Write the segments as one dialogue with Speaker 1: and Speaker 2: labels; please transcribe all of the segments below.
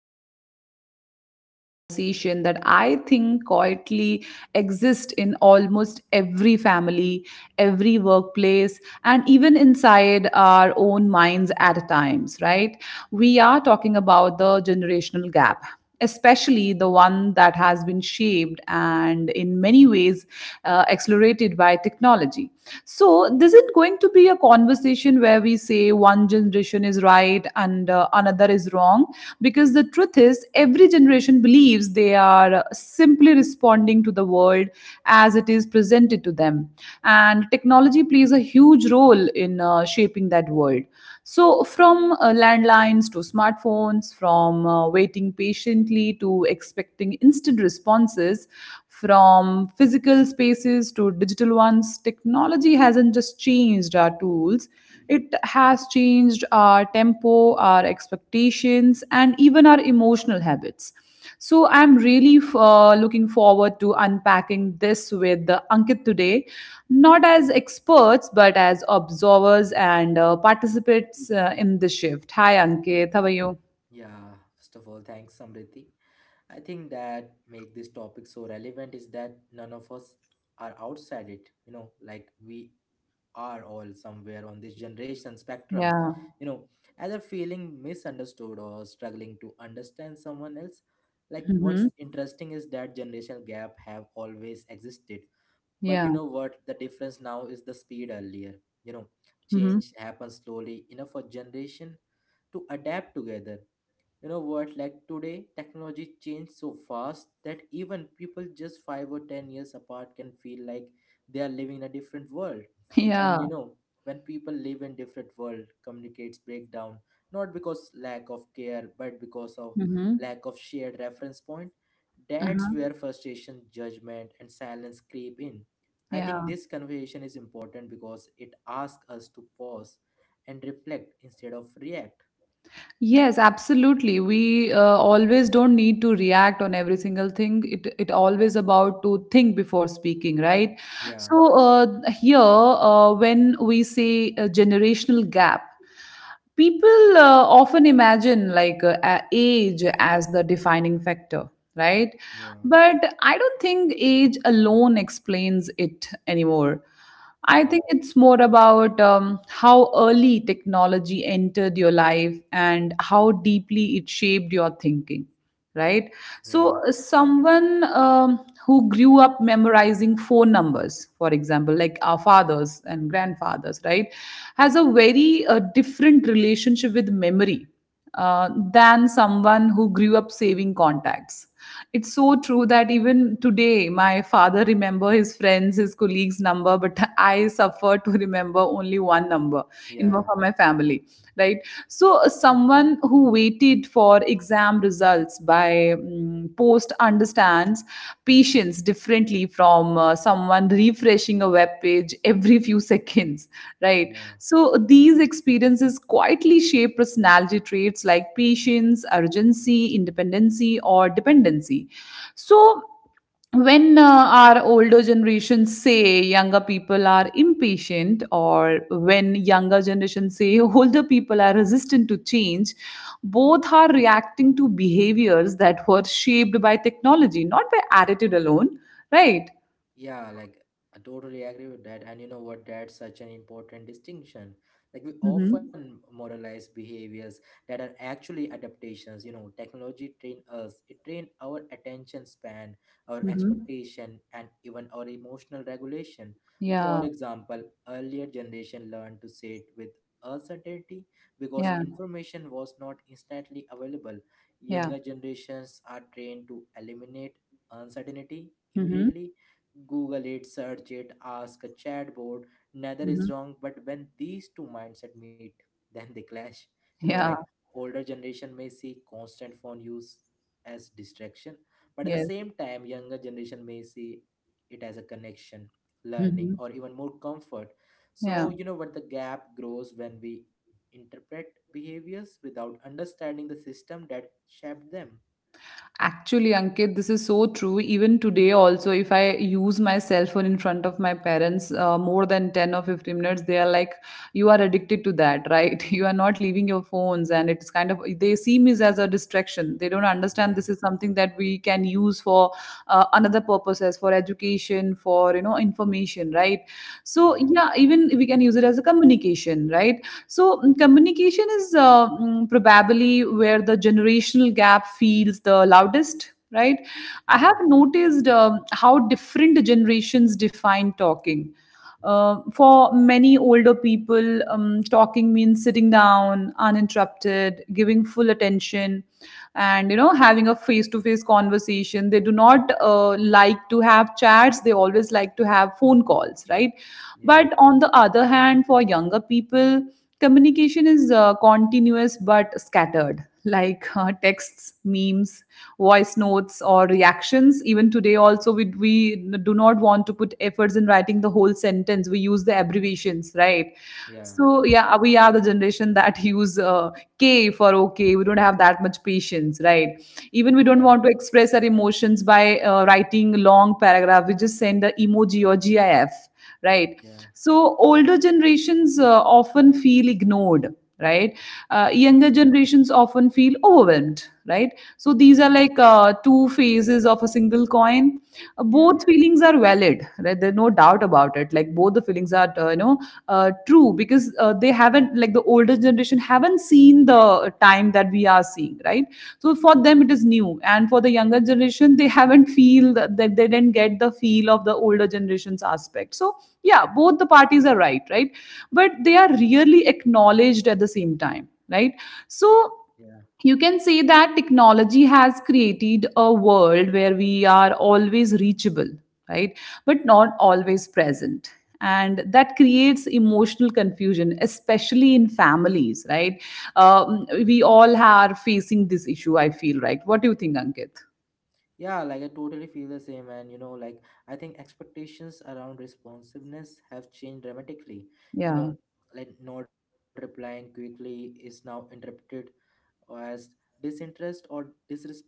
Speaker 1: and today we are having a conversation that I think quietly exists in almost every family, every workplace, and even inside our own minds at times, right? We are talking about the generational gap, especially the one that has been shaped and in many ways accelerated by technology. So, this isn't going to be a conversation where we say one generation is right and another is wrong, because the truth is, every generation believes they are simply responding to the world as it is presented to them. And technology plays a huge role in shaping that world. So, from landlines to smartphones, from waiting patiently to expecting instant responses, from physical spaces to digital ones, technology hasn't just changed our tools, it has changed our tempo, our expectations, and even our emotional habits. So I'm really looking forward to unpacking this with Ankit today, not as experts but as observers and participants in the shift. Hi Ankit, how are you?
Speaker 2: Yeah, first of all, thanks, Samriti. I think that make this topic so relevant is that none of us are outside it. You know, like we are all somewhere on this generation spectrum.
Speaker 1: Yeah.
Speaker 2: You know, either feeling misunderstood or struggling to understand someone else. Like what's
Speaker 1: Hmm.
Speaker 2: interesting is that generational gap have always existed. But
Speaker 1: Yeah.
Speaker 2: you know what? The difference now is the speed earlier. You know,
Speaker 1: Hmm.
Speaker 2: change happens slowly enough for generation to adapt together. You know what? Like today, technology changed so fast that even people just 5 or 10 years apart can feel like they are living in a different world.
Speaker 1: Yeah.
Speaker 2: And you know, when people live in different world, communicates break down not because lack of care, but because of
Speaker 1: Hmm.
Speaker 2: lack of shared reference point. That's
Speaker 1: Uh-huh.
Speaker 2: where frustration, judgment, and silence creep in. I think
Speaker 1: Yeah.
Speaker 2: this conversation is important because it asks us to pause and reflect instead of react.
Speaker 1: Yes, absolutely. We always don't need to react on every single thing. It always about to think before speaking, right?
Speaker 2: Yeah,
Speaker 1: So here, when we say a generational gap, people often imagine like age as the defining factor, right?
Speaker 2: yeah,
Speaker 1: But I don't think age alone explains it anymore. I
Speaker 2: yeah,
Speaker 1: think it's more about how early technology entered your life and how deeply it shaped your thinking, right?
Speaker 2: yeah,
Speaker 1: So, someone who grew up memorizing phone numbers, for example, like our fathers and grandfathers, right, has a very different relationship with memory than someone who grew up saving contacts. It's so true that even today my father remember his friends, his colleagues number, but I suffer to remember only one number in for
Speaker 2: yeah,
Speaker 1: my family, right? So someone who waited for exam results by post understands patience differently from someone refreshing a web page every few seconds, right?
Speaker 2: yeah.
Speaker 1: So these experiences quietly shape personality traits like patience, urgency, independency, or dependency. So when our older generations say younger people are impatient, or when younger generations say older people are resistant to change, both are reacting to behaviors that were shaped by technology, not by attitude alone, right?
Speaker 2: Yeah, like I totally agree with that. And you know what? That's such an important distinction. Like we
Speaker 1: Mm-hmm.
Speaker 2: often moralize behaviors that are actually adaptations. You know, technology trained us. It trained our attention span, our
Speaker 1: Mm-hmm.
Speaker 2: expectation, and even our emotional regulation.
Speaker 1: Yeah,
Speaker 2: For example, earlier generation learned to sit with uncertainty because
Speaker 1: yeah,
Speaker 2: information was not instantly available.
Speaker 1: yeah.
Speaker 2: Younger generations are trained to eliminate uncertainty
Speaker 1: Mm-hmm.
Speaker 2: immediately. Google it, search it, ask a chatbot. Neither
Speaker 1: Mm-hmm.
Speaker 2: is wrong, but when these two mindset meet, then they clash. You know,
Speaker 1: Yeah.
Speaker 2: like older generation may see constant phone use as distraction, but at the
Speaker 1: Yes.
Speaker 2: same time, younger generation may see it as a connection,
Speaker 1: Mm-hmm.
Speaker 2: learning, or even more comfort.
Speaker 1: Yeah.
Speaker 2: So you know what, the gap grows when we interpret behaviors without understanding the system that shaped them.
Speaker 1: Actually, Ankit, this is so true. Even today, also, if I use my cell phone in front of my parents more than 10 or 15 minutes, they are like, you are addicted to that, right? You are not leaving your phones. And it's kind of, they see me as a distraction. They don't understand
Speaker 2: Yeah,
Speaker 1: this is something that we can use for another purposes, for education, for, you know, information, right? So,
Speaker 2: yeah,
Speaker 1: yeah, even we can use it as a communication, right? So communication is probably where the generational gap feels the loudest, right? I have
Speaker 2: yeah,
Speaker 1: noticed how different generations define talking. For many older people, talking means sitting down, uninterrupted, giving full attention, and having a face-to-face conversation. They do not like to have chats. They always like to have phone calls, right? But
Speaker 2: yeah,
Speaker 1: on the other hand, for younger people, communication is continuous but scattered, like texts, memes, voice notes, or reactions. Even today also, we do not want to put efforts in writing the whole sentence, we use the abbreviations, right?
Speaker 2: yeah,
Speaker 1: So, yeah, we are the generation that use k for okay, we don't have that much patience, right? Even we don't
Speaker 2: yeah,
Speaker 1: want to express our emotions by writing long paragraph, we just send a emoji or gif, right?
Speaker 2: yeah.
Speaker 1: So older generations often feel ignored, right? uh,
Speaker 2: Yeah,
Speaker 1: younger generations often feel overwhelmed, right? So these
Speaker 2: yeah,
Speaker 1: are like two phases of a single coin. Uh,
Speaker 2: yeah,
Speaker 1: both feelings are valid, right? There's no doubt about it. Like both the feelings are, true, because they haven't, like the older generation haven't seen the time that we are seeing, right? So for them it is new, and for the younger generation they haven't feel that they didn't get the feel of the older generation's aspect. So, yeah, both the parties are right, right? But they are really acknowledged at the same time, right? So
Speaker 2: yeah.
Speaker 1: you can say that technology has created a world where we are always reachable, right? But not always present, and that creates emotional confusion, especially in families, right? We all are facing this issue, I feel, right? What do you think, Ankit?
Speaker 2: Yeah, like I totally feel the same. And you know, like I think expectations around responsiveness have changed dramatically. You
Speaker 1: Yeah.
Speaker 2: know, like not replying quickly is now interpreted as disinterest or disrespect,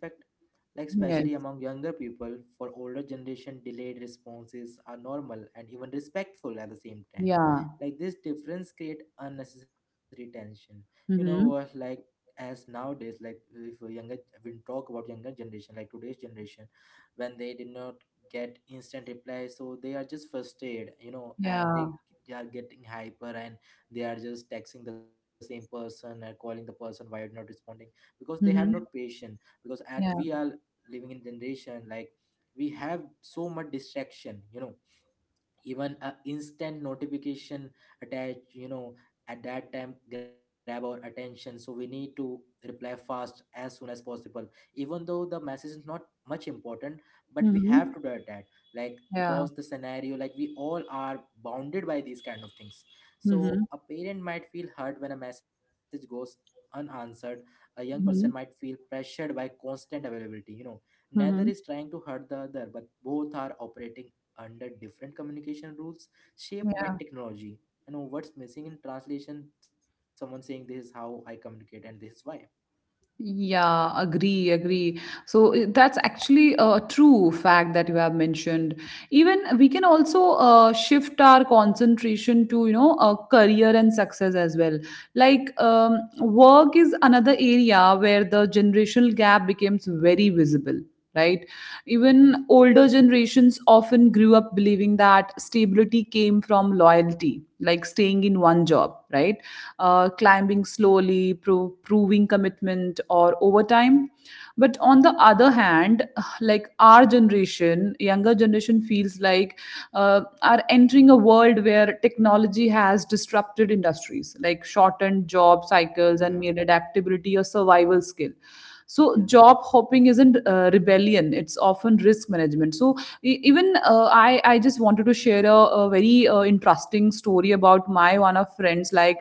Speaker 2: like especially
Speaker 1: Yes.
Speaker 2: among younger people. For older generation delayed responses are normal and even respectful at the same time.
Speaker 1: Yeah.
Speaker 2: Like this difference create unnecessary tension, you know what,
Speaker 1: Mm-hmm.
Speaker 2: like as nowadays, like if a younger, when talk about younger generation, like today's generation, when they did not get instant reply, so they are just frustrated, you know, and they
Speaker 1: Yeah.
Speaker 2: they are getting hyper, and they are just texting the same person and calling the person, why you're not responding, because they have not
Speaker 1: Mm-hmm.
Speaker 2: patience, because at we
Speaker 1: Yeah.
Speaker 2: are living in generation like we have so much distraction, you know, even a instant notification attached, you know, at that time grab our attention, so we need to reply fast as soon as possible, even though the message is not much important, but we have
Speaker 1: Mm-hmm.
Speaker 2: to do that, like
Speaker 1: Yeah.
Speaker 2: because the scenario, like we all are bounded by these kind of things. So
Speaker 1: Mm-hmm.
Speaker 2: a parent might feel hurt when a message goes unanswered, a young person might
Speaker 1: Mm-hmm.
Speaker 2: feel pressured by constant availability, you know, neither
Speaker 1: Mm-hmm.
Speaker 2: is trying to hurt the other, but both are operating under different communication rules shaped by
Speaker 1: Yeah.
Speaker 2: technology. You know what's missing in translation? Someone saying, this is how I communicate and this is why.
Speaker 1: Yeah, agree, agree. So that's actually a true fact that you have mentioned. Even we can also shift our concentration to, a career and success as well. Like work is another area where the generational gap becomes very visible, right? Even older generations often grew up believing that stability came from loyalty, like staying in one job, right? Climbing slowly, proving commitment, or over time. But on the other hand, like our generation, younger generation feels like are entering a world where technology has disrupted industries, like shortened job
Speaker 2: Yeah,
Speaker 1: cycles, and made adaptability a survival skill. So,
Speaker 2: yeah,
Speaker 1: job hopping isn't rebellion; it's often risk management. So, even I just wanted to share a very interesting story about my one of friends. Like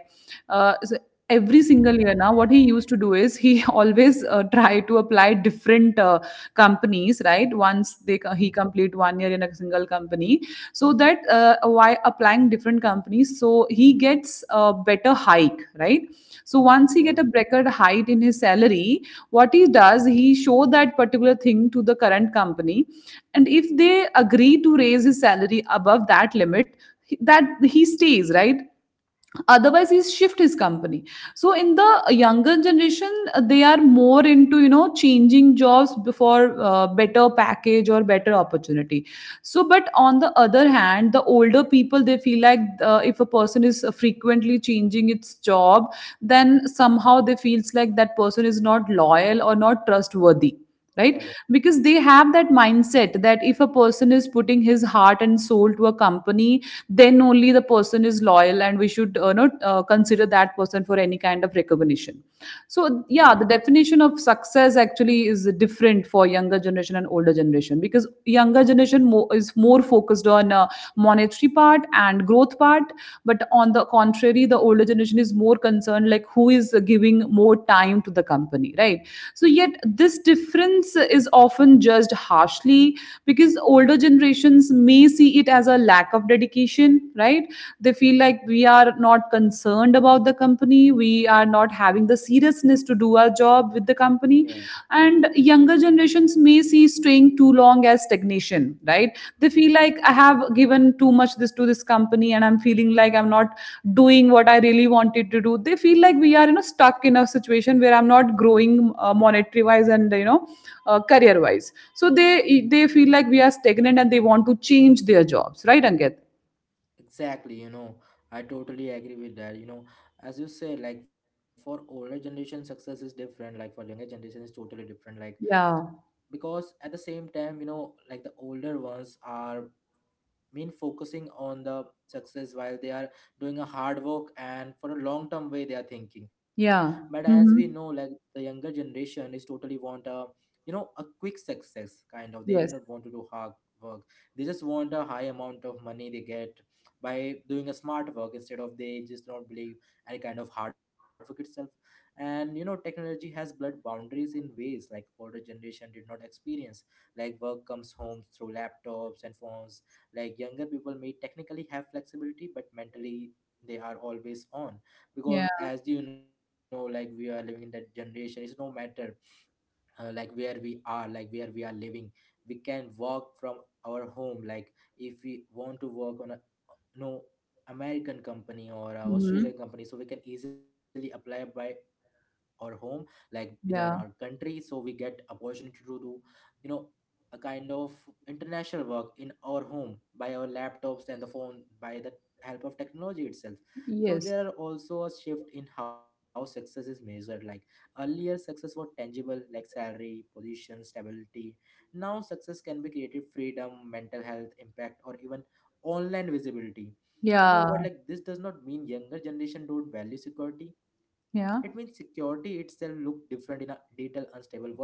Speaker 1: so every single year now, what he used to do is, he always try to apply different companies, right? Once
Speaker 2: yeah,
Speaker 1: he complete 1 year in a single company, so that while applying different companies, so he gets a better hike, right? So
Speaker 2: yeah,
Speaker 1: once he get a record hike in his salary, what he
Speaker 2: yeah,
Speaker 1: does, he show that particular thing to the current company, and if they agree to raise his salary above that limit, that he stays, right? Otherwise he's shift his company. So in the younger generation, they are more into changing jobs before better package or better opportunity. So but on the other hand, the older people, they feel like if a person is frequently changing its job, then somehow they feels like that person is not loyal or not trustworthy,
Speaker 2: yeah,
Speaker 1: right? Because they have that mindset that if a person is putting his heart and soul to a company, then only the person is loyal, and we should not consider that person for any kind of recognition. So, yeah, the definition of success actually is different for younger generation and older generation, because younger generation is more focused on monetary part and growth part. But on the contrary, the older generation is more concerned like who is giving more time to the company, right? So yet this difference is often judged harshly, because older generations may see it as a lack of dedication, right? They feel like we are not concerned about the company, we are not having the seriousness to do our job with the
Speaker 2: yeah, yeah.
Speaker 1: company. And younger generations may see staying too long as stagnation, right? They feel like I have given too much this to this company, and I'm feeling like I'm not doing what I really wanted to do. They feel like we are stuck in a situation where I'm not growing, monetary wise, and career wise. So they feel like we are stagnant, and they want to change their jobs, right, Ankit?
Speaker 2: Exactly. You know, I totally agree with that. You know, as you say, like for older generation, success is different. Like for younger generation, is totally different. Like
Speaker 1: Yeah,
Speaker 2: because at the same time, you know, like the older ones are mean focusing on the success while they are doing a hard work and for a long term way they are thinking. But as
Speaker 1: yeah.
Speaker 2: we know, like
Speaker 1: Mhm.
Speaker 2: the younger generation is totally want a you know a quick success kind of, they do
Speaker 1: Yes.
Speaker 2: not want to do hard work, they just want a high amount of money they get by doing a smart work, instead of, they just don't believe any kind of hard work itself. And you know, technology has blurred boundaries in ways like older generation did not experience. Like work comes home through laptops and phones. Like younger people may technically have flexibility but mentally they are always on,
Speaker 1: Yeah.
Speaker 2: because as you know, like we are living in that generation, it's no matter like where we are, like where we are living, we can work from our home. Like if we want to work on a, no, American company or a
Speaker 1: Mhm.
Speaker 2: Australian company, so we can easily apply by or home like within our
Speaker 1: Yeah.
Speaker 2: country, so we get opportunity to do you know a kind of international work in our home by our laptops and the phone by the help of technology itself. So
Speaker 1: Yes.
Speaker 2: there are also a shift in how success is measured. Like earlier success was tangible, like salary, position, stability. Now success can be creative freedom, mental health impact, or even online visibility. You know
Speaker 1: Yeah.
Speaker 2: what, like this does not mean younger generation don't value security, it means
Speaker 1: Yeah.
Speaker 2: security itself look different in a digital unstable world.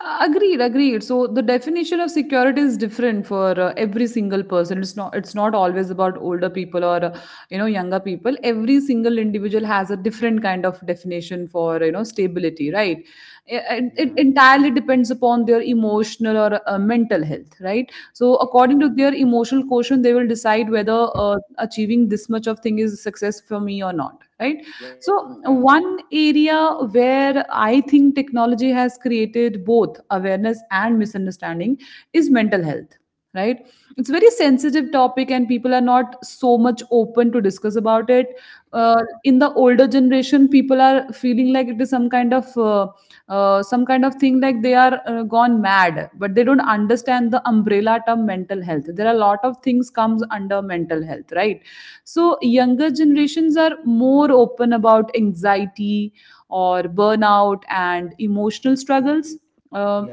Speaker 1: Agreed, agreed. So the definition of security is different for every single person. It's not always about older people or younger people. Every single individual has a different kind of definition for stability, right?
Speaker 2: Yeah,
Speaker 1: It entirely depends upon their emotional or mental health, right? So
Speaker 2: yeah,
Speaker 1: according to their emotional quotient, they will decide whether achieving this much of thing is success for me or not, right?
Speaker 2: yeah,
Speaker 1: So, one area where I think technology has created both awareness and misunderstanding is mental health, right? It's a very sensitive topic, and people are not so much open to discuss about it.
Speaker 2: yeah,
Speaker 1: In the older generation, people are feeling like it is some kind of thing, like they are gone mad, but they don't understand the umbrella term mental health, there are a lot of things comes under mental health, right? So younger generations are more open about anxiety or burnout and emotional struggles.
Speaker 2: yeah,
Speaker 1: Um,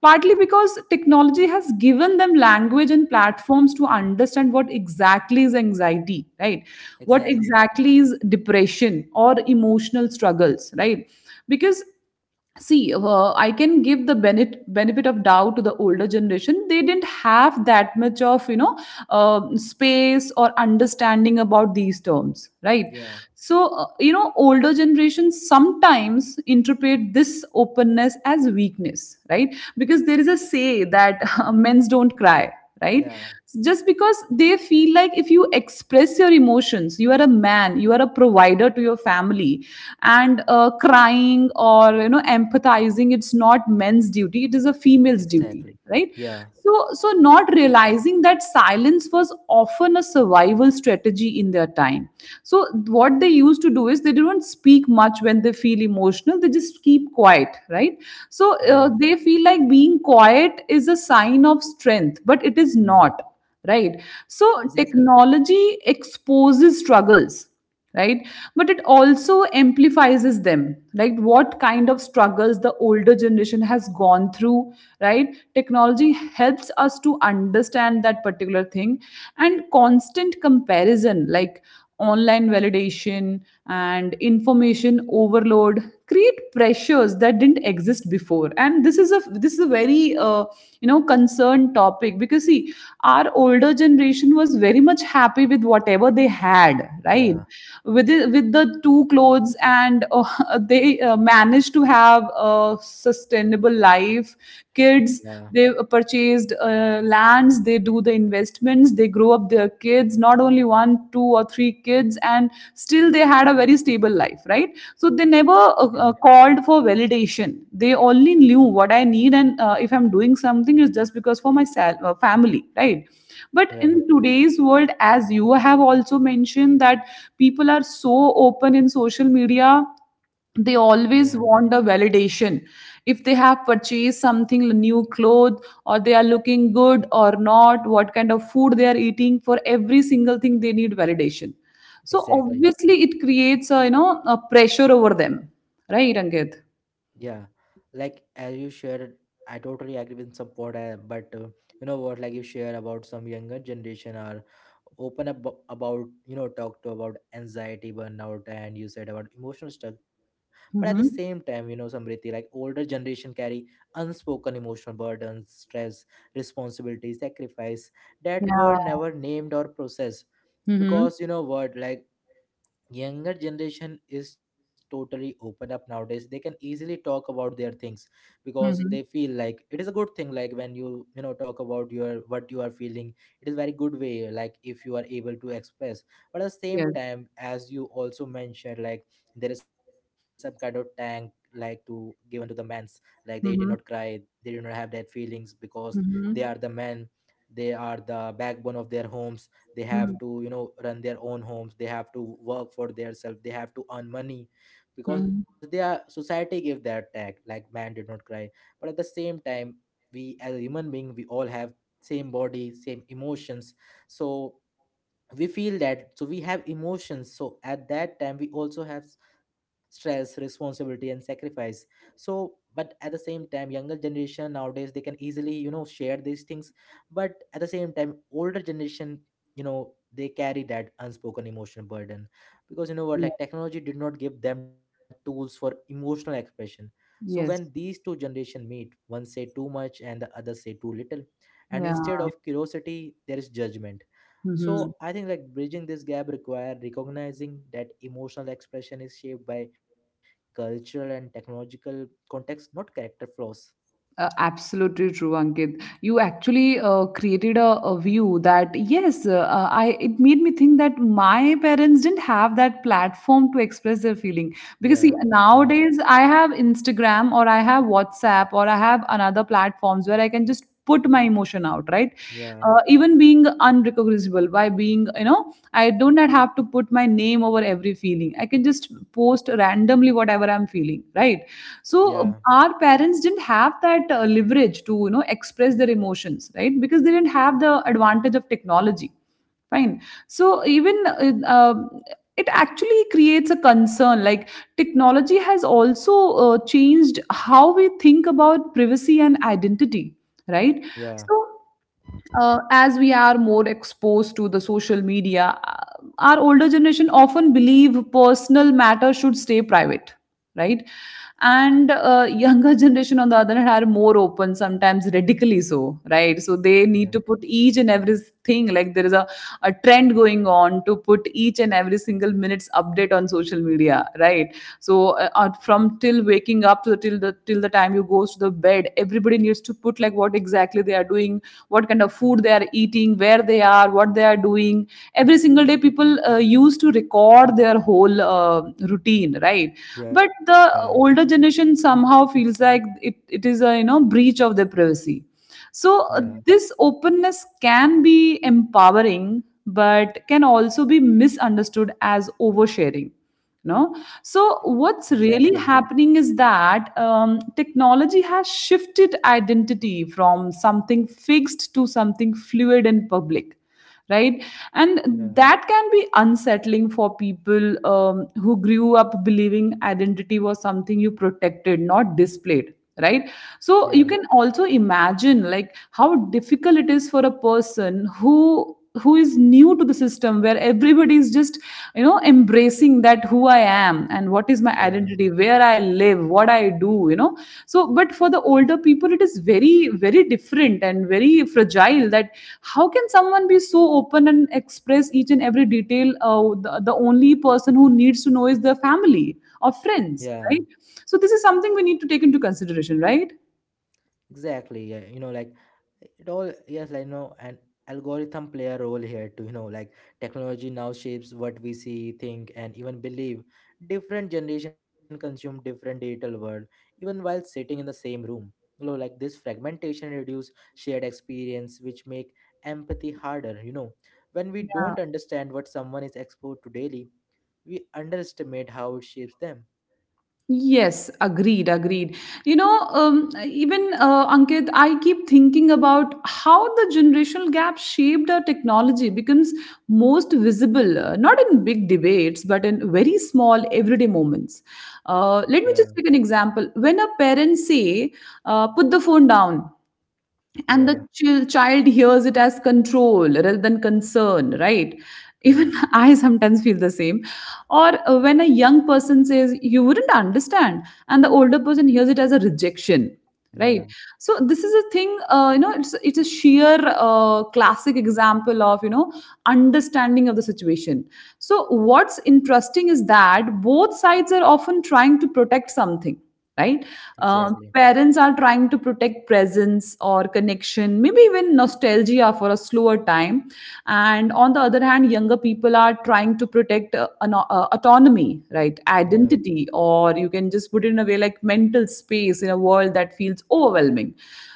Speaker 1: Partly because technology has given them language and platforms to understand what exactly is anxiety, right? What
Speaker 2: exactly.
Speaker 1: exactly is depression or emotional struggles, right? Because see, I can give the benefit of doubt to the older generation. They didn't have that much of space or understanding about these terms, right?
Speaker 2: Yeah,
Speaker 1: So, older generations sometimes interpret this openness as weakness, right? Because there is a say that men's don't cry, right?
Speaker 2: yeah,
Speaker 1: Just because they feel like if you express your emotions, you are a man, you are a provider to your family, and crying or, empathizing, it's not men's duty, it is a female's
Speaker 2: exactly.
Speaker 1: duty, right?
Speaker 2: Yeah,
Speaker 1: So not realizing that silence was often a survival strategy in their time. So, what they used to do is they didn't speak much when they feel emotional. They just keep quiet, right? So,
Speaker 2: yeah,
Speaker 1: they feel like being quiet is a sign of strength, but it is
Speaker 2: mm,
Speaker 1: not, right? So,
Speaker 2: exactly.
Speaker 1: technology exposes struggles, right? But it also amplifies them. Like what kind of struggles the older generation has gone through, right? Technology helps us to understand that particular thing. And constant comparison, like online validation and information overload create pressures that didn't exist before. And this is a very concerned topic, because see, our older generation was very much happy with whatever they had, right?
Speaker 2: Yeah,
Speaker 1: With the two clothes and they managed to have a sustainable life, kids.
Speaker 2: yeah,
Speaker 1: They purchased lands, they do the investments, they grow up their kids, not only one two or three kids, and still they had a very stable life, right? So they never
Speaker 2: yeah,
Speaker 1: called for validation, they only knew what I need. And if I'm doing something, it's just because for my family, right? But
Speaker 2: yeah,
Speaker 1: in today's world, as you have also mentioned, that people are so open in social media, they
Speaker 2: yeah,
Speaker 1: always want a validation. If they have purchased something, new clothes, or they are looking good or not, what kind of food they are eating, for every single thing they need validation. So
Speaker 2: exactly.
Speaker 1: obviously it creates a, you know, a pressure over them, right, Ankit?
Speaker 2: Yeah, like as you shared, I totally agree with some point, but you know what, like you share about some younger generation are open up about, you know, talk to about anxiety burnout and you said about emotional stuff, but at the same time
Speaker 1: Mm-hmm.
Speaker 2: you know, Samriti, like older generation carry unspoken emotional burdens, stress, responsibility, sacrifice that were
Speaker 1: Yeah.
Speaker 2: never named or processed.
Speaker 1: Mm-hmm.
Speaker 2: Because you know what, like younger generation is totally open up nowadays, they can easily talk about their things, because they
Speaker 1: Mm-hmm.
Speaker 2: feel like it is a good thing, like when you know, talk about your what you are feeling, it is very good way, like if you are able to express. But at the same
Speaker 1: Yes.
Speaker 2: time, as you also mentioned, like there is some kind of tank like to given to the men's, like they did not
Speaker 1: Mm-hmm.
Speaker 2: cry, they did not have their feelings, because they are the
Speaker 1: Mm-hmm.
Speaker 2: men, they are the backbone of their homes, they
Speaker 1: Mm-hmm.
Speaker 2: have to you know run their own homes, they have to work for themselves, they have to earn money, because they are society gave that tag like man did not cry. But at the same time, we as a human being, we all have same body, same emotions, so we feel that, so we have emotions, so at that time we also have stress, responsibility, and sacrifice. So but at the same time younger generation nowadays they can easily you know share these things, but at the same time older generation, you know, they carry that unspoken emotional burden, because you know what,
Speaker 1: Mm-hmm.
Speaker 2: like technology did not give them tools for emotional expression. So when these
Speaker 1: Yes.
Speaker 2: two generation meet, one say too much and the other say too little, and instead
Speaker 1: Yeah.
Speaker 2: of curiosity there is judgment.
Speaker 1: Hmm.
Speaker 2: So I think, like bridging this gap require recognizing that emotional expression is shaped by cultural and technological context, not character flaws.
Speaker 1: Absolutely true, Ankit. You actually created a view that yes, I, it made me think that my parents didn't have that platform to express their feeling. Because see,
Speaker 2: Yeah,
Speaker 1: nowadays I have Instagram, or I have WhatsApp, or I have another platforms where I can just put my emotion out, right?
Speaker 2: yeah,
Speaker 1: Even being unrecognizable, by being, you know, I do not have to put my name over every feeling, I can just post randomly whatever I'm feeling, right?
Speaker 2: yeah,
Speaker 1: So our parents didn't have that leverage to, you know, express their emotions, right? Because they didn't have the advantage of technology. Fine. So even it actually creates a concern. Like, technology has also changed how we think about privacy and identity, right?
Speaker 2: yeah,
Speaker 1: So, as we are more exposed to the social media, our older generation often believe personal matters should stay private, right? And younger generation, on the other hand, are more open, sometimes radically so, right? So they need
Speaker 2: yeah,
Speaker 1: to put each and everything. Like, there is a trend going on to put each and every single minutes update on social media, right? So, from till waking up to till the time you goes to the bed, everybody needs to put like what exactly they are doing, what kind of food they are eating, where they are, what they are doing. Every single day, people used to record their whole routine, right? But
Speaker 2: yeah,
Speaker 1: the older generation somehow feels like it is a, you know, breach of their privacy. So,
Speaker 2: yeah.
Speaker 1: this openness can be empowering, but can also be misunderstood as oversharing, no? So what's
Speaker 2: Exactly.
Speaker 1: really happening is that technology has shifted identity from something fixed to something fluid and public, right? And
Speaker 2: Yeah,
Speaker 1: that can be unsettling for people, who grew up believing identity was something you protected, not displayed, right? So
Speaker 2: yeah,
Speaker 1: you can also imagine like how difficult it is for a person who is new to the system, where everybody is just, you know, embracing that who I am and what is my
Speaker 2: yeah,
Speaker 1: identity, where I live, what I do, you know. So but for the older people, it is very, very different and very fragile. That how can someone be so open and express each and every detail? The only person who needs to know is their family or
Speaker 2: yeah.
Speaker 1: friends, right? So this is something we need to take into consideration, right?
Speaker 2: Exactly, yeah, you know, like it all, yes, I know, and algorithm play a role here too, you know, like technology now shapes what we see, think, and even believe. Different generation consume different digital world, even while sitting in the same room. You know, like this fragmentation reduce shared experience, which make empathy harder, you know. When we don't understand what someone is exposed to daily, we underestimate how it shapes them.
Speaker 1: Yes, agreed, agreed. You know, even Ankit, I keep thinking about how the generational gap shaped our technology becomes most visible, not in big debates, but in very small everyday moments.
Speaker 2: Yeah,
Speaker 1: Let me just take an example. When a parent say, "Put the phone down," and the
Speaker 2: yeah,
Speaker 1: child hears it as control rather than concern, right? Even
Speaker 2: yeah,
Speaker 1: I sometimes feel the same. Or when a young person says you wouldn't understand, and the older person hears it as a rejection, right?
Speaker 2: yeah,
Speaker 1: So this is a thing, you know, it's a sheer classic example of, you know, understanding of the situation. So what's interesting is that both sides are often trying to protect something, right?
Speaker 2: exactly.
Speaker 1: Parents are trying to protect presence or connection, maybe even nostalgia for a slower time. And on the other hand, younger people are trying to protect autonomy, right?
Speaker 2: Yeah,
Speaker 1: Identity, or you can just put it in a way like mental space in a world that feels overwhelming.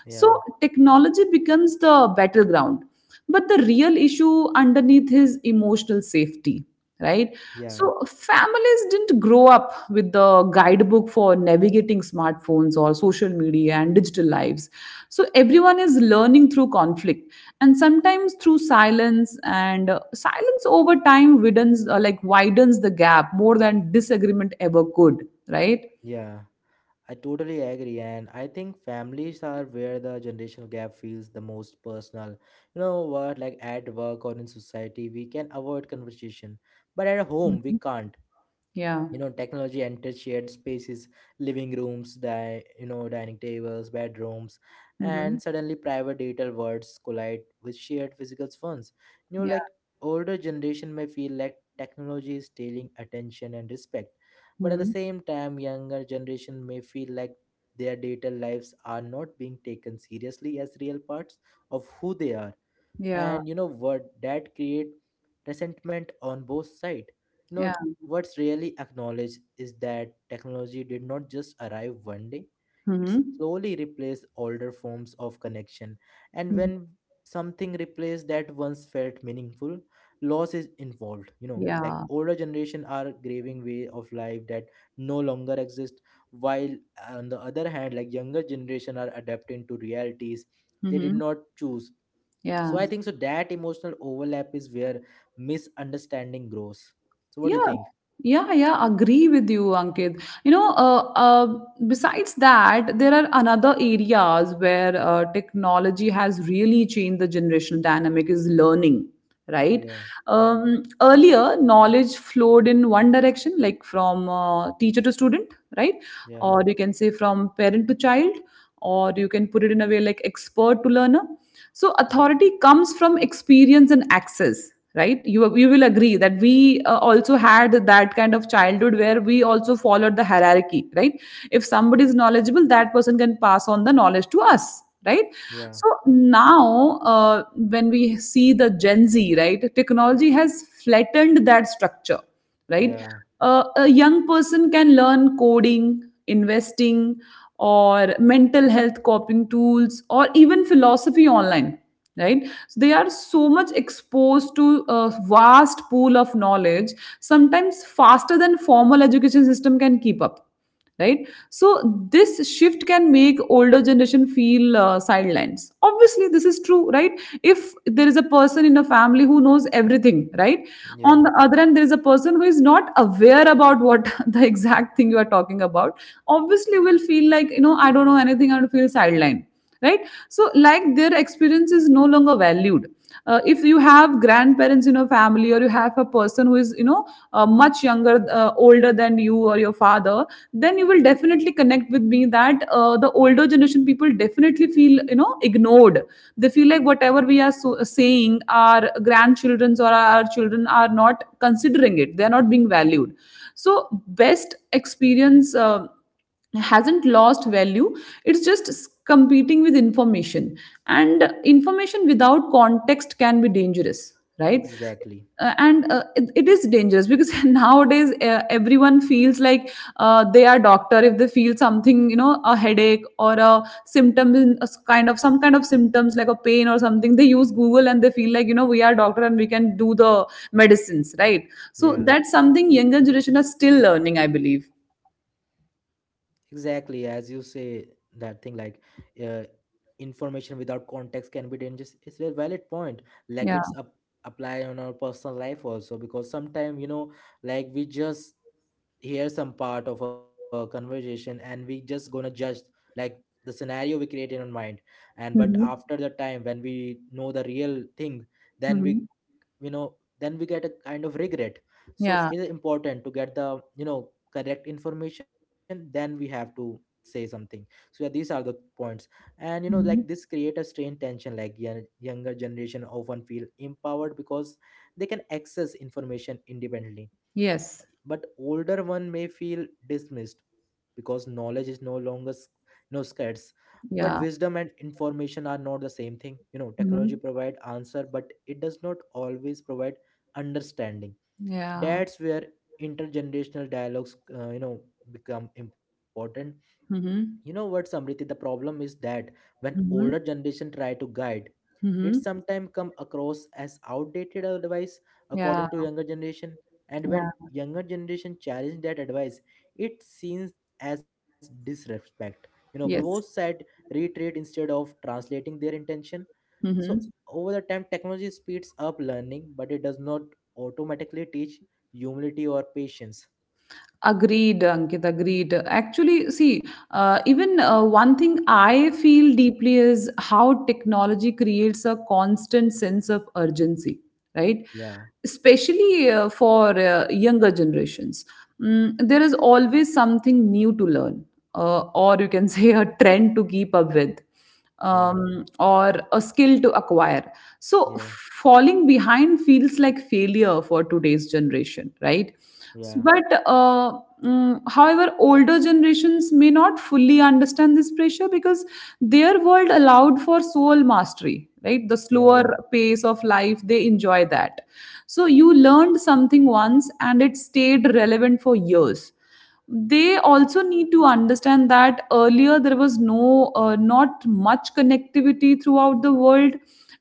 Speaker 1: So
Speaker 2: yeah.
Speaker 1: technology becomes the battleground, but the real issue underneath is emotional safety, right?
Speaker 2: Yeah,
Speaker 1: So families didn't grow up with the guidebook for navigating smartphones or social media and digital lives. So everyone is learning through conflict, and sometimes through silence. And silence over time widens, widens the gap more than disagreement ever could, right?
Speaker 2: yeah, I totally agree. And I think families are where the generational gap feels the most personal. You know what, like at work or in society, we can avoid conversation, but at home, we
Speaker 1: Mhm.
Speaker 2: can't.
Speaker 1: Yeah.
Speaker 2: You know, technology enters shared spaces, living rooms, dining tables, bedrooms,
Speaker 1: Hmm.
Speaker 2: and suddenly private digital worlds collide with shared physical ones. You know,
Speaker 1: Yeah.
Speaker 2: like older generation may feel like technology is stealing attention and respect, but at the
Speaker 1: Hmm.
Speaker 2: same time younger generation may feel like their digital lives are not being taken seriously as real parts of who they are.
Speaker 1: Yeah.
Speaker 2: And you know what, that create resentment on both sides. You know
Speaker 1: Yeah.
Speaker 2: what's really acknowledged is that technology did not just arrive one day, it
Speaker 1: Hmm.
Speaker 2: slowly replaced older forms of connection, and when something replaced that once felt meaningful, loss is involved. You know,
Speaker 1: Yeah.
Speaker 2: like older generation are grieving way of life that no longer exist, while on the other hand like younger generation are adapting to realities they did
Speaker 1: Hmm.
Speaker 2: not choose. So
Speaker 1: Yeah,
Speaker 2: I think so that emotional overlap is where misunderstanding grows. So what do you
Speaker 1: yeah,
Speaker 2: think?
Speaker 1: yeah, yeah. Agree with you, Ankit. You know, besides that, there are another areas where technology has really changed the generational dynamic is learning, right?
Speaker 2: Yeah,
Speaker 1: Earlier, knowledge flowed in one direction, like from teacher to student, right?
Speaker 2: yeah,
Speaker 1: Or you can say from parent to child, or you can put it in a way like expert to learner. So authority comes from experience and access, right? You will agree that we also had that kind of childhood where we also followed the hierarchy, right? If somebody is knowledgeable, that person can pass on the knowledge to us, right?
Speaker 2: yeah,
Speaker 1: So now, when we see the Gen Z, right, technology has flattened that structure, right?
Speaker 2: yeah,
Speaker 1: A young person can learn coding, investing, or mental health coping tools, or even philosophy online, right? So they are so much exposed to a vast pool of knowledge, sometimes faster than formal education system can keep up, right? So this shift can make older generation feel sidelines. Obviously this is true, right? If there is a person in a family who knows everything, right, on the
Speaker 2: yeah,
Speaker 1: other end there is a person who is not aware about what the exact thing you are talking about, obviously will feel like, you know, I don't know anything, and feel sidelined, right? So like their experience is no longer valued. If you have grandparents in your family, or you have a person who is, you know, much younger, older than you or your father, then you will definitely connect with me that the older generation people definitely feel, you know, ignored. They feel like whatever we are so, saying, our grandchildrens or our children are not considering it, they are not being valued. So best experience hasn't lost value. It's just competing with information, and information without context can be dangerous, right? Uh,
Speaker 2: exactly,
Speaker 1: and uh, it, it is dangerous because nowadays everyone feels like they are doctor. If they feel something, you know, a headache or a symptom, in a kind of some kind of symptoms like a pain or something, they use Google and they feel like, you know, we are doctor and we can do the medicines, right? So that's
Speaker 2: yeah.
Speaker 1: something younger generation are still learning, I believe.
Speaker 2: Exactly, as you say, that thing like uh, information without context can be dangerous. It's a valid point.
Speaker 1: Yeah.
Speaker 2: Like it's up, apply on our personal life also because sometimes like we just hear some part of a conversation and we just gonna judge like the scenario we create in our mind. And but
Speaker 1: Mm-hmm.
Speaker 2: after the time when we know the real thing, then we
Speaker 1: Mhm.
Speaker 2: then we get a kind of regret. So
Speaker 1: Yeah.
Speaker 2: it is important to get the correct information then we have to say something. So yeah, these are the points. And you know, like this
Speaker 1: Mhm.
Speaker 2: create a strange tension, like younger generation often feel empowered because they can access information independently,
Speaker 1: Yes.
Speaker 2: but older one may feel dismissed because knowledge is no longer you know scarce. But
Speaker 1: Yeah.
Speaker 2: wisdom and information are not the same thing. You know, technology
Speaker 1: Mhm.
Speaker 2: provide answer, but it does not always provide understanding.
Speaker 1: Yeah.
Speaker 2: That's where intergenerational dialogues you know become important. You know
Speaker 1: Mhm.
Speaker 2: what, Samriti, the problem is that when older
Speaker 1: Mhm.
Speaker 2: generation try to guide, it
Speaker 1: Mhm.
Speaker 2: sometimes come across as outdated advice
Speaker 1: Yeah.
Speaker 2: according to younger generation, and when
Speaker 1: Yeah.
Speaker 2: younger generation challenge that advice, it seems as disrespect. You know, both
Speaker 1: Yes.
Speaker 2: sides reiterate instead of translating their intention. So
Speaker 1: Mm-hmm.
Speaker 2: over the time, technology speeds up learning, but it does not automatically teach humility or patience.
Speaker 1: Agreed, Ankit, agreed. Actually, see, even one thing I feel deeply is how technology creates a constant sense of urgency, right?
Speaker 2: Yeah,
Speaker 1: Especially for younger generations. There is always something new to learn, or you can say a trend to keep up with
Speaker 2: yeah,
Speaker 1: or a skill to acquire. So,
Speaker 2: yeah,
Speaker 1: falling behind feels like failure for today's generation, right? S-
Speaker 2: yeah,
Speaker 1: But uh, mm, however, older generations may not fully understand this pressure because their world allowed for soul mastery, right? The slower
Speaker 2: yeah,
Speaker 1: pace of life, they enjoy that. So, you learned something once and it stayed relevant for years. They also need to understand that earlier there was not much connectivity throughout the world,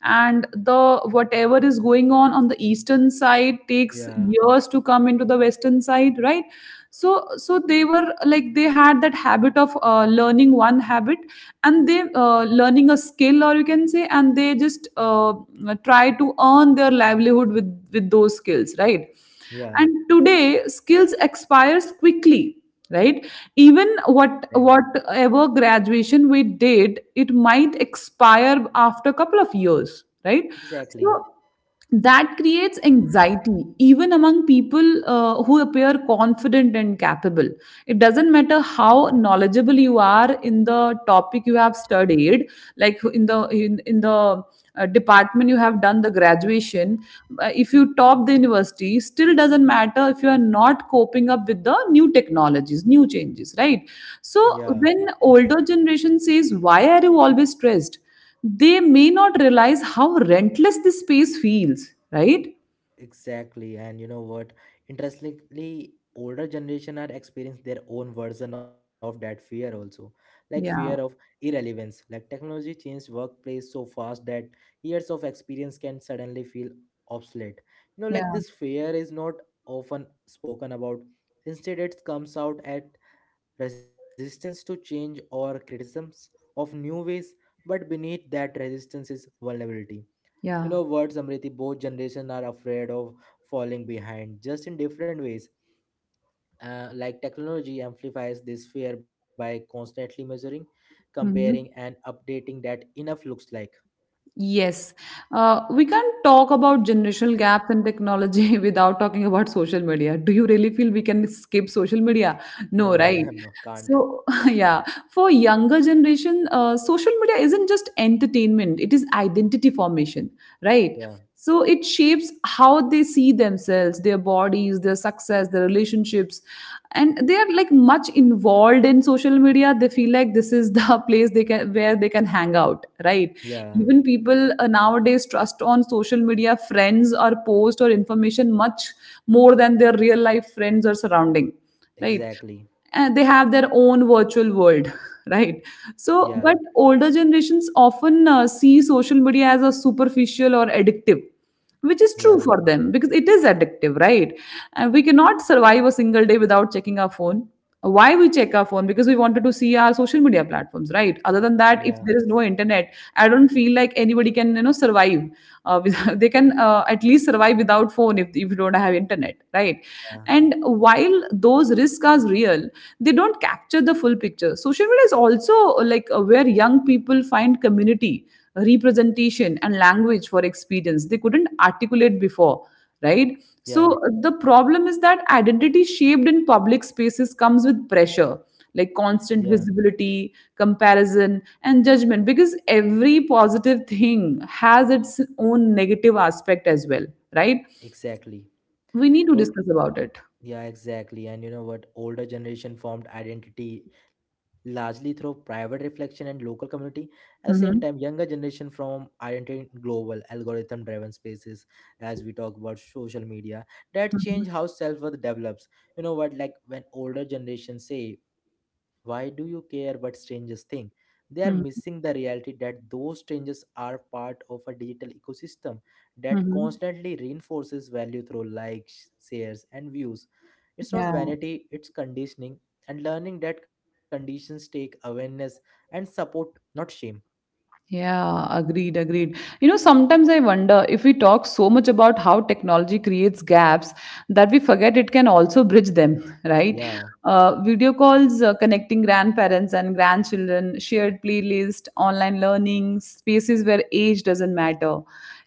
Speaker 1: and the whatever is going on the eastern side takes
Speaker 2: yeah,
Speaker 1: years to come into the western side, right? So they were like, they had that habit of learning one habit, and they learning a skill, or you can say, and they just try to earn their livelihood with those skills, right?
Speaker 2: yeah.
Speaker 1: And today skills expires quickly, right? Even
Speaker 2: Exactly.
Speaker 1: what whatever graduation we did, it might expire after a couple of years, right? So
Speaker 2: Exactly.
Speaker 1: that creates anxiety even among people who appear confident and capable. It doesn't matter how knowledgeable you are in the topic you have studied, like in the department you have done the graduation. If you top the university, still doesn't matter if you are not coping up with the new technologies, new changes, right?
Speaker 2: Yeah.
Speaker 1: So when older generation says, why are you always stressed, they may not realize how rentless this space feels, right?
Speaker 2: Exactly, and you know what? Interestingly, older generation are experiencing their own version of that fear also, like fear of
Speaker 1: Yeah,
Speaker 2: irrelevance. Like technology changed workplace so fast that years of experience can suddenly feel obsolete. You know, like
Speaker 1: yeah,
Speaker 2: this fear is not often spoken about. Instead, it comes out at resistance to change or criticisms of new ways. But beneath that resistance is vulnerability. You
Speaker 1: yeah.
Speaker 2: know what, Samriti, both generations are afraid of falling behind, just in different ways. Like technology amplifies this fear by constantly measuring, comparing, and
Speaker 1: Hmm.
Speaker 2: updating that enough looks like.
Speaker 1: Yes, we can't talk about generational gaps in technology without talking about social media. Do you really feel we can skip social media?
Speaker 2: No,
Speaker 1: No, right?
Speaker 2: no, can't.
Speaker 1: So, yeah, for younger generation, social media isn't just entertainment, it is identity formation, right?
Speaker 2: Yeah,
Speaker 1: So it shapes how they see themselves, their bodies, their success, their relationships, and they are like much involved in social media. They feel like this is the place they can, where they can hang out, right?
Speaker 2: yeah,
Speaker 1: Even people nowadays trust on social media friends or post or information much more than their real life friends or surrounding, right?
Speaker 2: exactly.
Speaker 1: They have their own virtual world, right?
Speaker 2: Yeah,
Speaker 1: So but older generations often see social media as a superficial or addictive, which is true
Speaker 2: yeah,
Speaker 1: for them because it is addictive, right? And we cannot survive a single day without checking our phone. Why we check our phone? Because we wanted to see our social media platforms, right? Other than
Speaker 2: yeah,
Speaker 1: that, if there is no internet, I don't feel like anybody can, you know, survive. They can at least survive without phone if you don't have internet, right?
Speaker 2: yeah,
Speaker 1: And while those risks are real, they don't capture the full picture. Social media is also like where young people find community, representation, and language for experience they couldn't articulate before, right? So
Speaker 2: yeah,
Speaker 1: the problem is that identity shaped in public spaces comes with pressure. Like
Speaker 2: yeah,
Speaker 1: constant visibility, comparison, and judgment, because every positive thing has its own negative aspect as well, right?
Speaker 2: exactly.
Speaker 1: We need
Speaker 2: I
Speaker 1: to
Speaker 2: totally.
Speaker 1: discuss about it.
Speaker 2: Yeah, exactly. And you know what? Older generation formed identity largely through private reflection and local community. At the same time,
Speaker 1: Mhm.
Speaker 2: younger generation from identity in global algorithm driven spaces as we talk about social media, that
Speaker 1: Mhm,
Speaker 2: change how self-worth develops. You know what? Like when older generation say, why do you care what strangers think? They are
Speaker 1: mhm,
Speaker 2: missing the reality that those strangers are part of a digital ecosystem that
Speaker 1: mhm.
Speaker 2: constantly reinforces value through likes, shares, and views. It's not
Speaker 1: Yeah,
Speaker 2: vanity, it's conditioning, and learning that conditions take awareness and support, not shame.
Speaker 1: yeah, agreed, agreed. You know, sometimes I wonder if we talk so much about how technology creates gaps that we forget it can also bridge them, right?
Speaker 2: Yeah,
Speaker 1: Video calls connecting grandparents and grandchildren, shared playlist, online learning, spaces where age doesn't matter.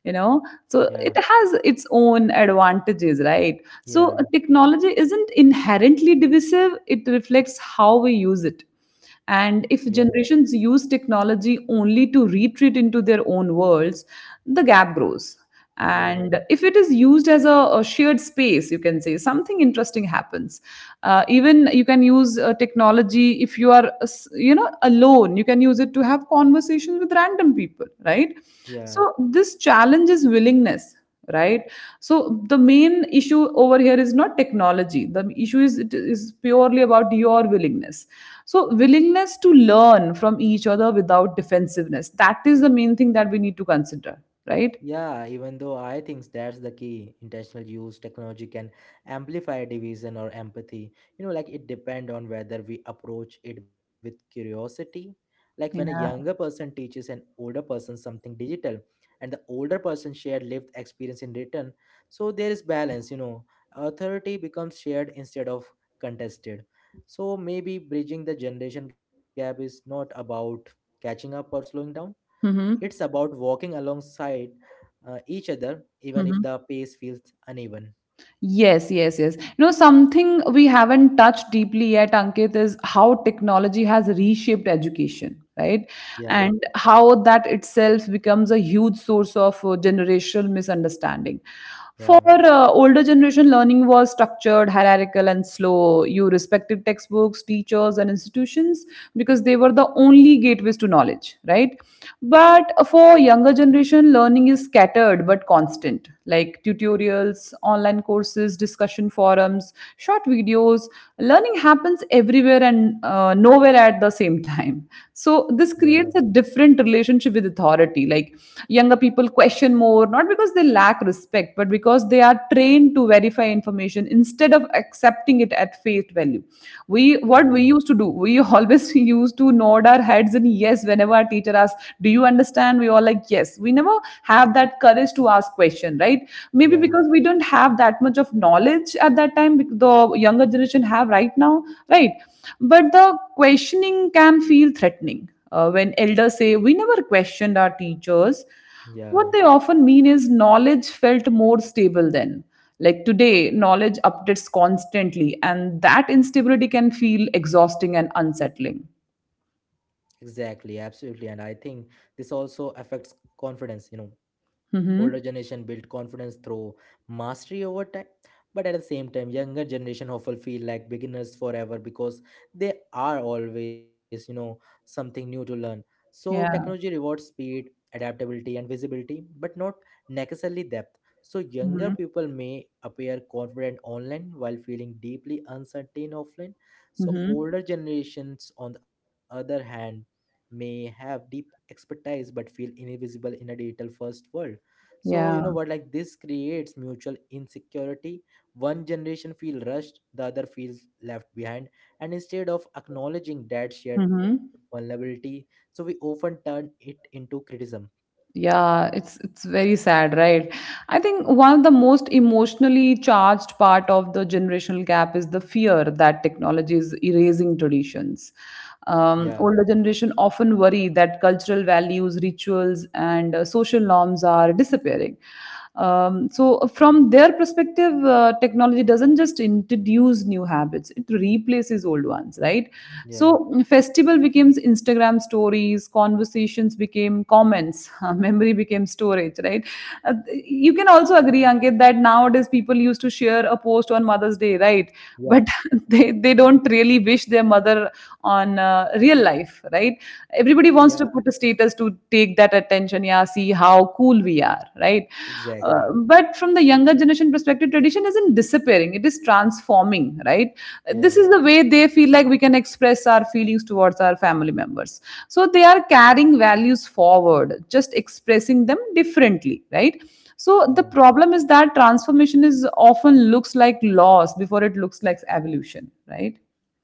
Speaker 1: You know, so
Speaker 2: yeah,
Speaker 1: it has its own advantages, right? So
Speaker 2: yeah,
Speaker 1: technology isn't inherently divisive, it reflects how we use it. And
Speaker 2: yeah,
Speaker 1: if generations use technology only to retreat into their own worlds, the gap grows.
Speaker 2: yeah,
Speaker 1: And if it is used as a shared space, you can say something interesting happens. Even you can use technology if you are you know, alone. You can use it to have conversations with random people, right?
Speaker 2: yeah.
Speaker 1: So this challenge is willingness, right? So the main issue over here is not technology, the issue is it is purely about your willingness. So willingness to learn from each other without defensiveness, that is the main thing that we need to consider, right?
Speaker 2: Yeah, even though I think that's the key, intentional use technology can amplify division or empathy. You know, like it depend on whether we approach it with curiosity. Like when a younger
Speaker 1: Yeah.
Speaker 2: person teaches an older person something digital and the older person share lived experience in return, so there is balance, you know. Authority becomes shared instead of contested. So maybe bridging the generation gap is not about catching up or slowing down.
Speaker 1: Mm-hmm.
Speaker 2: It's about walking alongside each other, even if
Speaker 1: Mm-hmm.
Speaker 2: the pace feels uneven.
Speaker 1: Yes, yes, yes. You know, something we haven't touched deeply yet, Ankit, is how technology has reshaped education, right?
Speaker 2: Yeah,
Speaker 1: And how that itself becomes a huge source of generational misunderstanding. For
Speaker 2: yeah,
Speaker 1: older generation, learning was structured, hierarchical, and slow. You respected textbooks, teachers, and institutions because they were the only gateways to knowledge, right? But for younger generation, learning is scattered but constant, like tutorials, online courses, discussion forums, short videos. Learning happens everywhere and nowhere at the same time. So
Speaker 2: yeah,
Speaker 1: this creates a different relationship with authority. Like younger people question more, not because they lack respect, but because they are trained to verify information instead of accepting it at face value. We, what
Speaker 2: yeah,
Speaker 1: we used to do, we always used to nod our heads and yes, whenever our teacher asked, do you understand, we all like, yes. We never have that courage to ask question, right? Maybe
Speaker 2: yeah,
Speaker 1: because we don't have that much of knowledge at that time, bec- the younger generation have right now, right? But the questioning can feel threatening when elders say we never questioned our teachers. What
Speaker 2: yeah.
Speaker 1: they often mean is knowledge felt more stable then. Like today, knowledge updates constantly, and that instability can feel exhausting and unsettling.
Speaker 2: Exactly, absolutely. And I think this also affects confidence, you know. Older
Speaker 1: Hmm.
Speaker 2: generation build confidence through mastery over time, but at the same time younger generation often feel like beginners forever because they are always, you know, something new to learn. So technology
Speaker 1: Yeah.
Speaker 2: rewards speed, adaptability, and visibility, but not necessarily depth. So younger
Speaker 1: Hmm.
Speaker 2: people may appear confident online while feeling deeply uncertain offline. So
Speaker 1: Hmm.
Speaker 2: older generations on the other hand may have deep expertise but feel invisible in a digital first world. So you
Speaker 1: Yeah.
Speaker 2: know what, like this creates mutual insecurity. One generation feel rushed, the other feels left behind, and instead of acknowledging that shared
Speaker 1: Hmm.
Speaker 2: vulnerability, so we often turn it into criticism.
Speaker 1: Yeah, it's very sad, right? I think one of the most emotionally charged part of the generational gap is the fear that technology is erasing traditions.
Speaker 2: Yeah,
Speaker 1: Older generation often worry that cultural values, rituals, and social norms are disappearing. So, from their perspective, technology doesn't just introduce new habits; it replaces old ones, right?
Speaker 2: yeah,
Speaker 1: So festival becomes Instagram stories, conversations became comments, memory became storage, right? You can also agree, Ankit, that nowadays people used to share a post on Mother's Day, right?
Speaker 2: yeah,
Speaker 1: But they don't really wish their mother on real life, right?
Speaker 2: yeah,
Speaker 1: Everybody wants to put a status to take that attention, yeah, see how cool we are, right?
Speaker 2: exactly,
Speaker 1: But from the younger generation perspective, tradition isn't disappearing, it is transforming, right? This
Speaker 2: yeah,
Speaker 1: is the way they feel like we can express our feelings towards our family members. So they are carrying values forward, just expressing them differently, right? So the
Speaker 2: yeah.
Speaker 1: problem is that transformation is often looks like loss before it looks like evolution, right?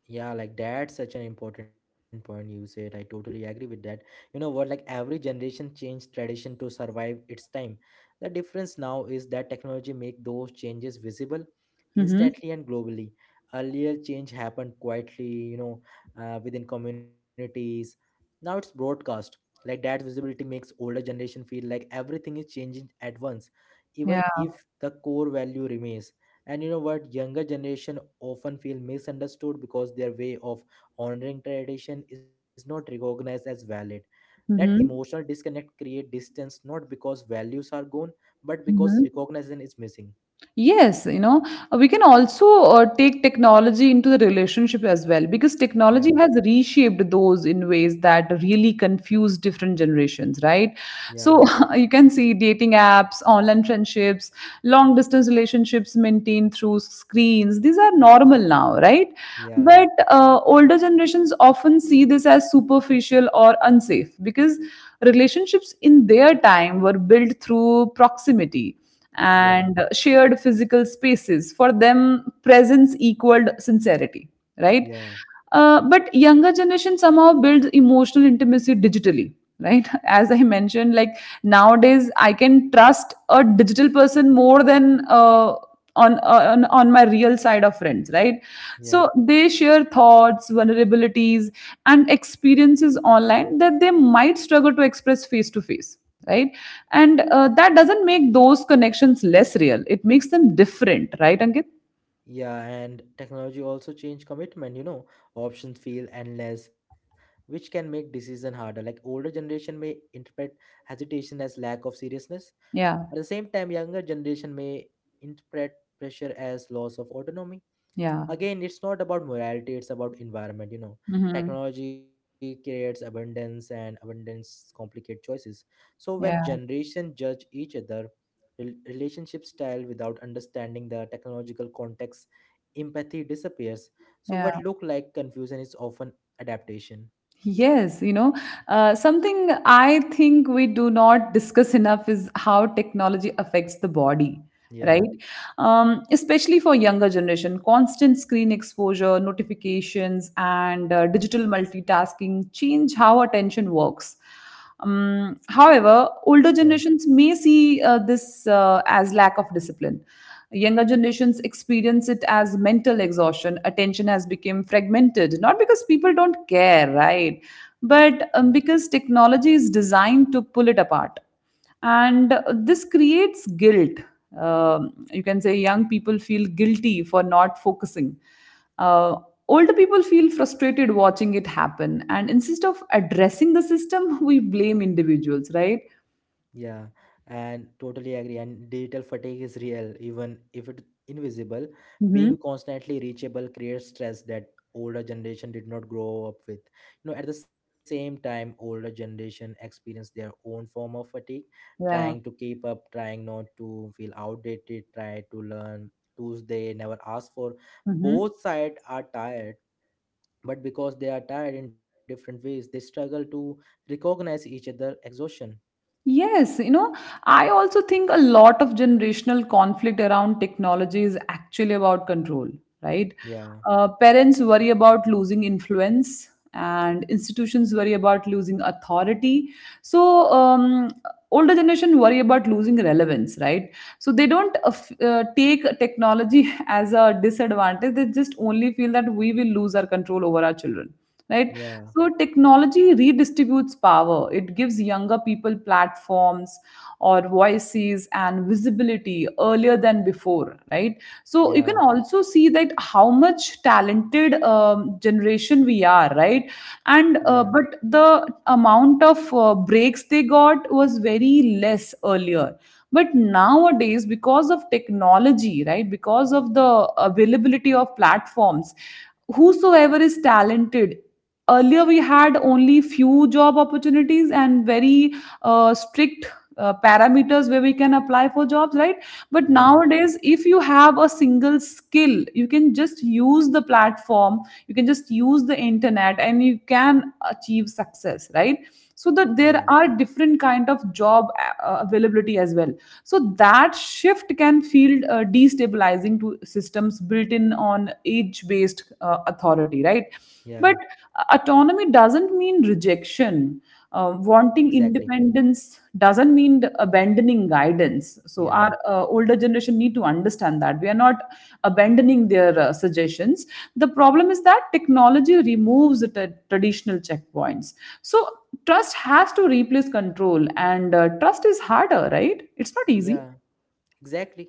Speaker 2: Yeah, like that's such an important point you said. I totally agree with that. You know what? Like every generation changed tradition to survive its time. The difference now is that technology make those changes visible
Speaker 1: Mm-hmm.
Speaker 2: instantly and globally. Earlier, change happened quietly, you know, within communities. Now it's broadcast. Like that visibility makes older generation feel like everything is changing at once, even
Speaker 1: Yeah.
Speaker 2: if the core value remains. And you know what, younger generation often feel misunderstood because their way of honoring tradition is not recognized as valid. That emotional
Speaker 1: Mm-hmm.
Speaker 2: disconnect create distance, not because values are gone, but because
Speaker 1: Mm-hmm.
Speaker 2: recognition is missing.
Speaker 1: Yes, you know, we can also take technology into the relationship as well, because technology
Speaker 2: Yeah,
Speaker 1: has reshaped those in ways that really confuse different generations, right?
Speaker 2: yeah,
Speaker 1: So you can see dating apps, online friendships, long distance relationships maintained through screens. These are normal now, right?
Speaker 2: yeah,
Speaker 1: But older generations often see this as superficial or unsafe, because relationships in their time were built through proximity
Speaker 2: yeah,
Speaker 1: and shared physical spaces. For them presence equaled sincerity, right?
Speaker 2: yeah,
Speaker 1: But younger generation somehow builds emotional intimacy digitally, right? As I mentioned, like nowadays I can trust a digital person more than on my real side of friends, right? So
Speaker 2: yeah,
Speaker 1: they share thoughts, vulnerabilities, and experiences online that they might struggle to express face to face, right? And that doesn't make those connections less real, it makes them different, right, Ankit?
Speaker 2: yeah. And technology also change commitment, you know. Options feel endless, which can make decision harder. Like older generation may interpret hesitation as lack of seriousness.
Speaker 1: Yeah,
Speaker 2: At the same time, younger generation may interpret pressure as loss of autonomy.
Speaker 1: yeah.
Speaker 2: Again, it's not about morality, it's about environment, you know.
Speaker 1: Hmm.
Speaker 2: Technology creates abundance and abundance complicate choices. So when
Speaker 1: Yeah,
Speaker 2: generation judge each other, relationship style without understanding the technological context, empathy disappears. So
Speaker 1: yeah.
Speaker 2: what look like confusion is often adaptation.
Speaker 1: Yes, you know, something I think we do not discuss enough is how technology affects the body, right?
Speaker 2: Yeah,
Speaker 1: Especially for younger generation, constant screen exposure, notifications, and digital multitasking change how attention works. However, older
Speaker 2: yeah.
Speaker 1: generations may see this as lack of discipline. Younger generations experience it as mental exhaustion. Attention has become fragmented, not because people don't care, right?
Speaker 2: Yeah.
Speaker 1: But because technology is designed to pull it apart, and this creates guilt. Um you can say young people feel guilty for not focusing. Uh, Older people feel frustrated watching it happen, and instead of addressing the system, we blame individuals, right?
Speaker 2: Yeah, and totally agree. And digital fatigue is real, even if it invisible.
Speaker 1: Hmm.
Speaker 2: Being constantly reachable creates stress that older generation did not grow up with. You know, at the same time, older generation experience their own form of fatigue, trying to
Speaker 1: Yeah.
Speaker 2: keep up, trying not to feel outdated, try to learn tools they never asked for.
Speaker 1: Hmm.
Speaker 2: Both sides are tired, but because they are tired in different ways, they struggle to recognize each other exhaustion.
Speaker 1: Yes, you know, I also think a lot of generational conflict around technology is actually about control, right?
Speaker 2: Yeah,
Speaker 1: Parents worry about losing influence, and institutions worry about losing authority. So, older generation worry about losing relevance, right? So they don't take technology as a disadvantage. They just only feel that we will lose our control over our children, right?
Speaker 2: yeah.
Speaker 1: So technology redistributes power. It gives younger people platforms or voices and visibility earlier than before, right? So you can
Speaker 2: Yeah,
Speaker 1: also see that how much talented generation we are, right?
Speaker 2: yeah,
Speaker 1: And but the amount of breaks they got was very less earlier. But nowadays, because of technology, right? Because of the availability of platforms, whosoever is talented, earlier we had only few job opportunities and very strict parameters where we can apply for jobs, right? But
Speaker 2: yeah,
Speaker 1: nowadays, if you have a single skill, you can just use the platform, you can just use the internet, and you can achieve success, right? So
Speaker 2: yeah,
Speaker 1: that there are different kind of job availability as well. So that shift can feel destabilizing to systems built in on age based authority, right? But
Speaker 2: yeah,
Speaker 1: autonomy doesn't mean rejection. Wanting
Speaker 2: exactly.
Speaker 1: independence doesn't mean the abandoning guidance. So
Speaker 2: Yeah,
Speaker 1: our older generation need to understand that we are not abandoning their suggestions. The problem is that technology removes the traditional checkpoints. So trust has to replace control, and trust is harder, right? It's not
Speaker 2: yeah,
Speaker 1: easy.
Speaker 2: exactly.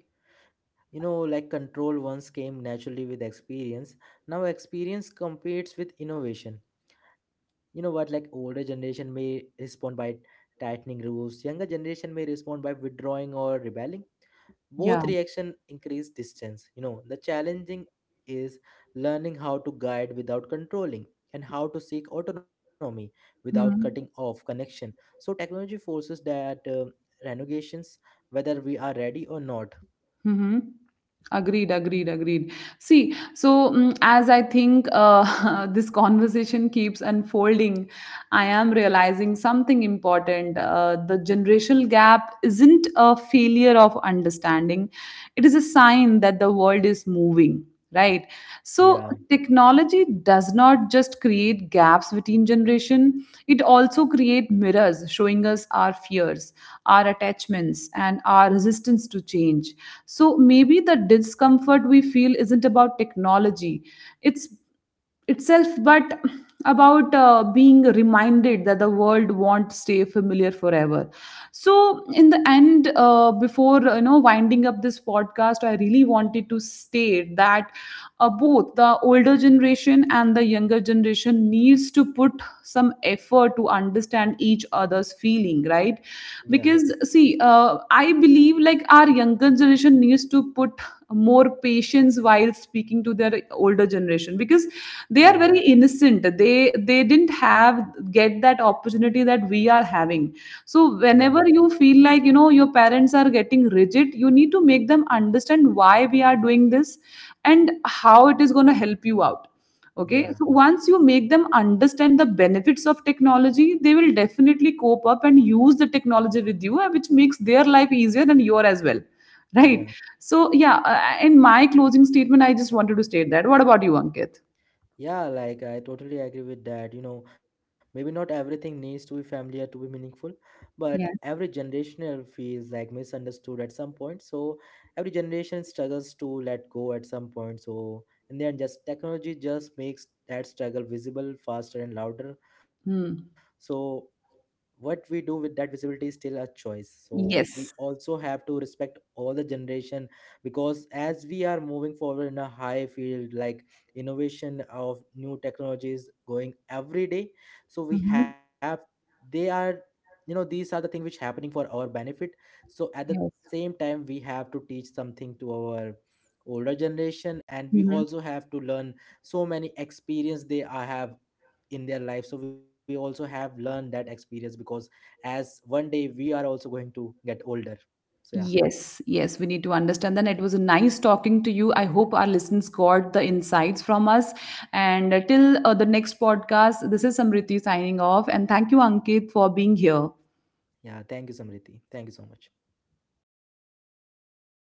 Speaker 2: You know, like control once came naturally with experience. Now experience competes with innovation. You know what, like older generation may respond by tightening rules, younger generation may respond by withdrawing or rebelling.
Speaker 1: Yeah.
Speaker 2: Both reaction increase distance. You know, the challenging is learning how to guide without controlling and how to seek autonomy without cutting
Speaker 1: Mhm.
Speaker 2: off connection. So technology forces that renegations whether we are ready or not.
Speaker 1: Mm-hmm. Agreed, agreed, agreed. See, so as I think this conversation keeps unfolding, I am realizing something important. The generational gap isn't a failure of understanding, it is a sign that the world is moving, right? So
Speaker 2: Yeah,
Speaker 1: technology does not just create gaps between generation, it also create mirrors showing us our fears, our attachments and our resistance to change. So maybe the discomfort we feel isn't about technology it's itself, but about being reminded that the world won't stay familiar forever. So in the end, before you know winding up this podcast, I really wanted to state that both the older generation and the younger generation needs to put some effort to understand each other's feeling, right?
Speaker 2: yeah,
Speaker 1: Because see, I believe like our younger generation needs to put more patience while speaking to their older generation, because they are
Speaker 2: yeah,
Speaker 1: very innocent. They didn't have get that opportunity that we are having. So
Speaker 2: yeah,
Speaker 1: whenever you feel like, you know, your parents are getting rigid, you need to make them understand why we are doing this and how it is going to help you out. Okay,
Speaker 2: yeah,
Speaker 1: so once you make them understand the benefits of technology, they will definitely cope up and use the technology with you, which makes their life easier and your as well,
Speaker 2: yeah.
Speaker 1: right? So yeah, in my closing statement I just wanted to state that, what about you, Ankit?
Speaker 2: Yeah, like I totally agree with that. You know, maybe not everything needs to be familiar to be meaningful, but every
Speaker 1: Yes.
Speaker 2: generational feels like misunderstood at some point. So every generation struggles to let go at some point. So in the end, just technology just makes that struggle visible faster and louder.
Speaker 1: Hmm.
Speaker 2: So what we do with that visibility is still a choice. So we
Speaker 1: Yes.
Speaker 2: also have to respect all the generation because as we are moving forward in a high field, like innovation of new technologies going every day, so we
Speaker 1: Mhm.
Speaker 2: have, they are, you know, these are the things which happening for our benefit. So at the
Speaker 1: Yes.
Speaker 2: same time we have to teach something to our older generation, and we
Speaker 1: Mhm.
Speaker 2: also have to learn so many experience they have in their life. So we also have learned that experience because as one day we are also going to get older. So yeah,
Speaker 1: Yes, yes, we need to understand that. It was nice talking to you. I hope our listeners got the insights from us. And till the next podcast, this is Samriti signing off. And thank you, Ankit, for being here.
Speaker 2: yeah, thank you, Samriti, thank you so much.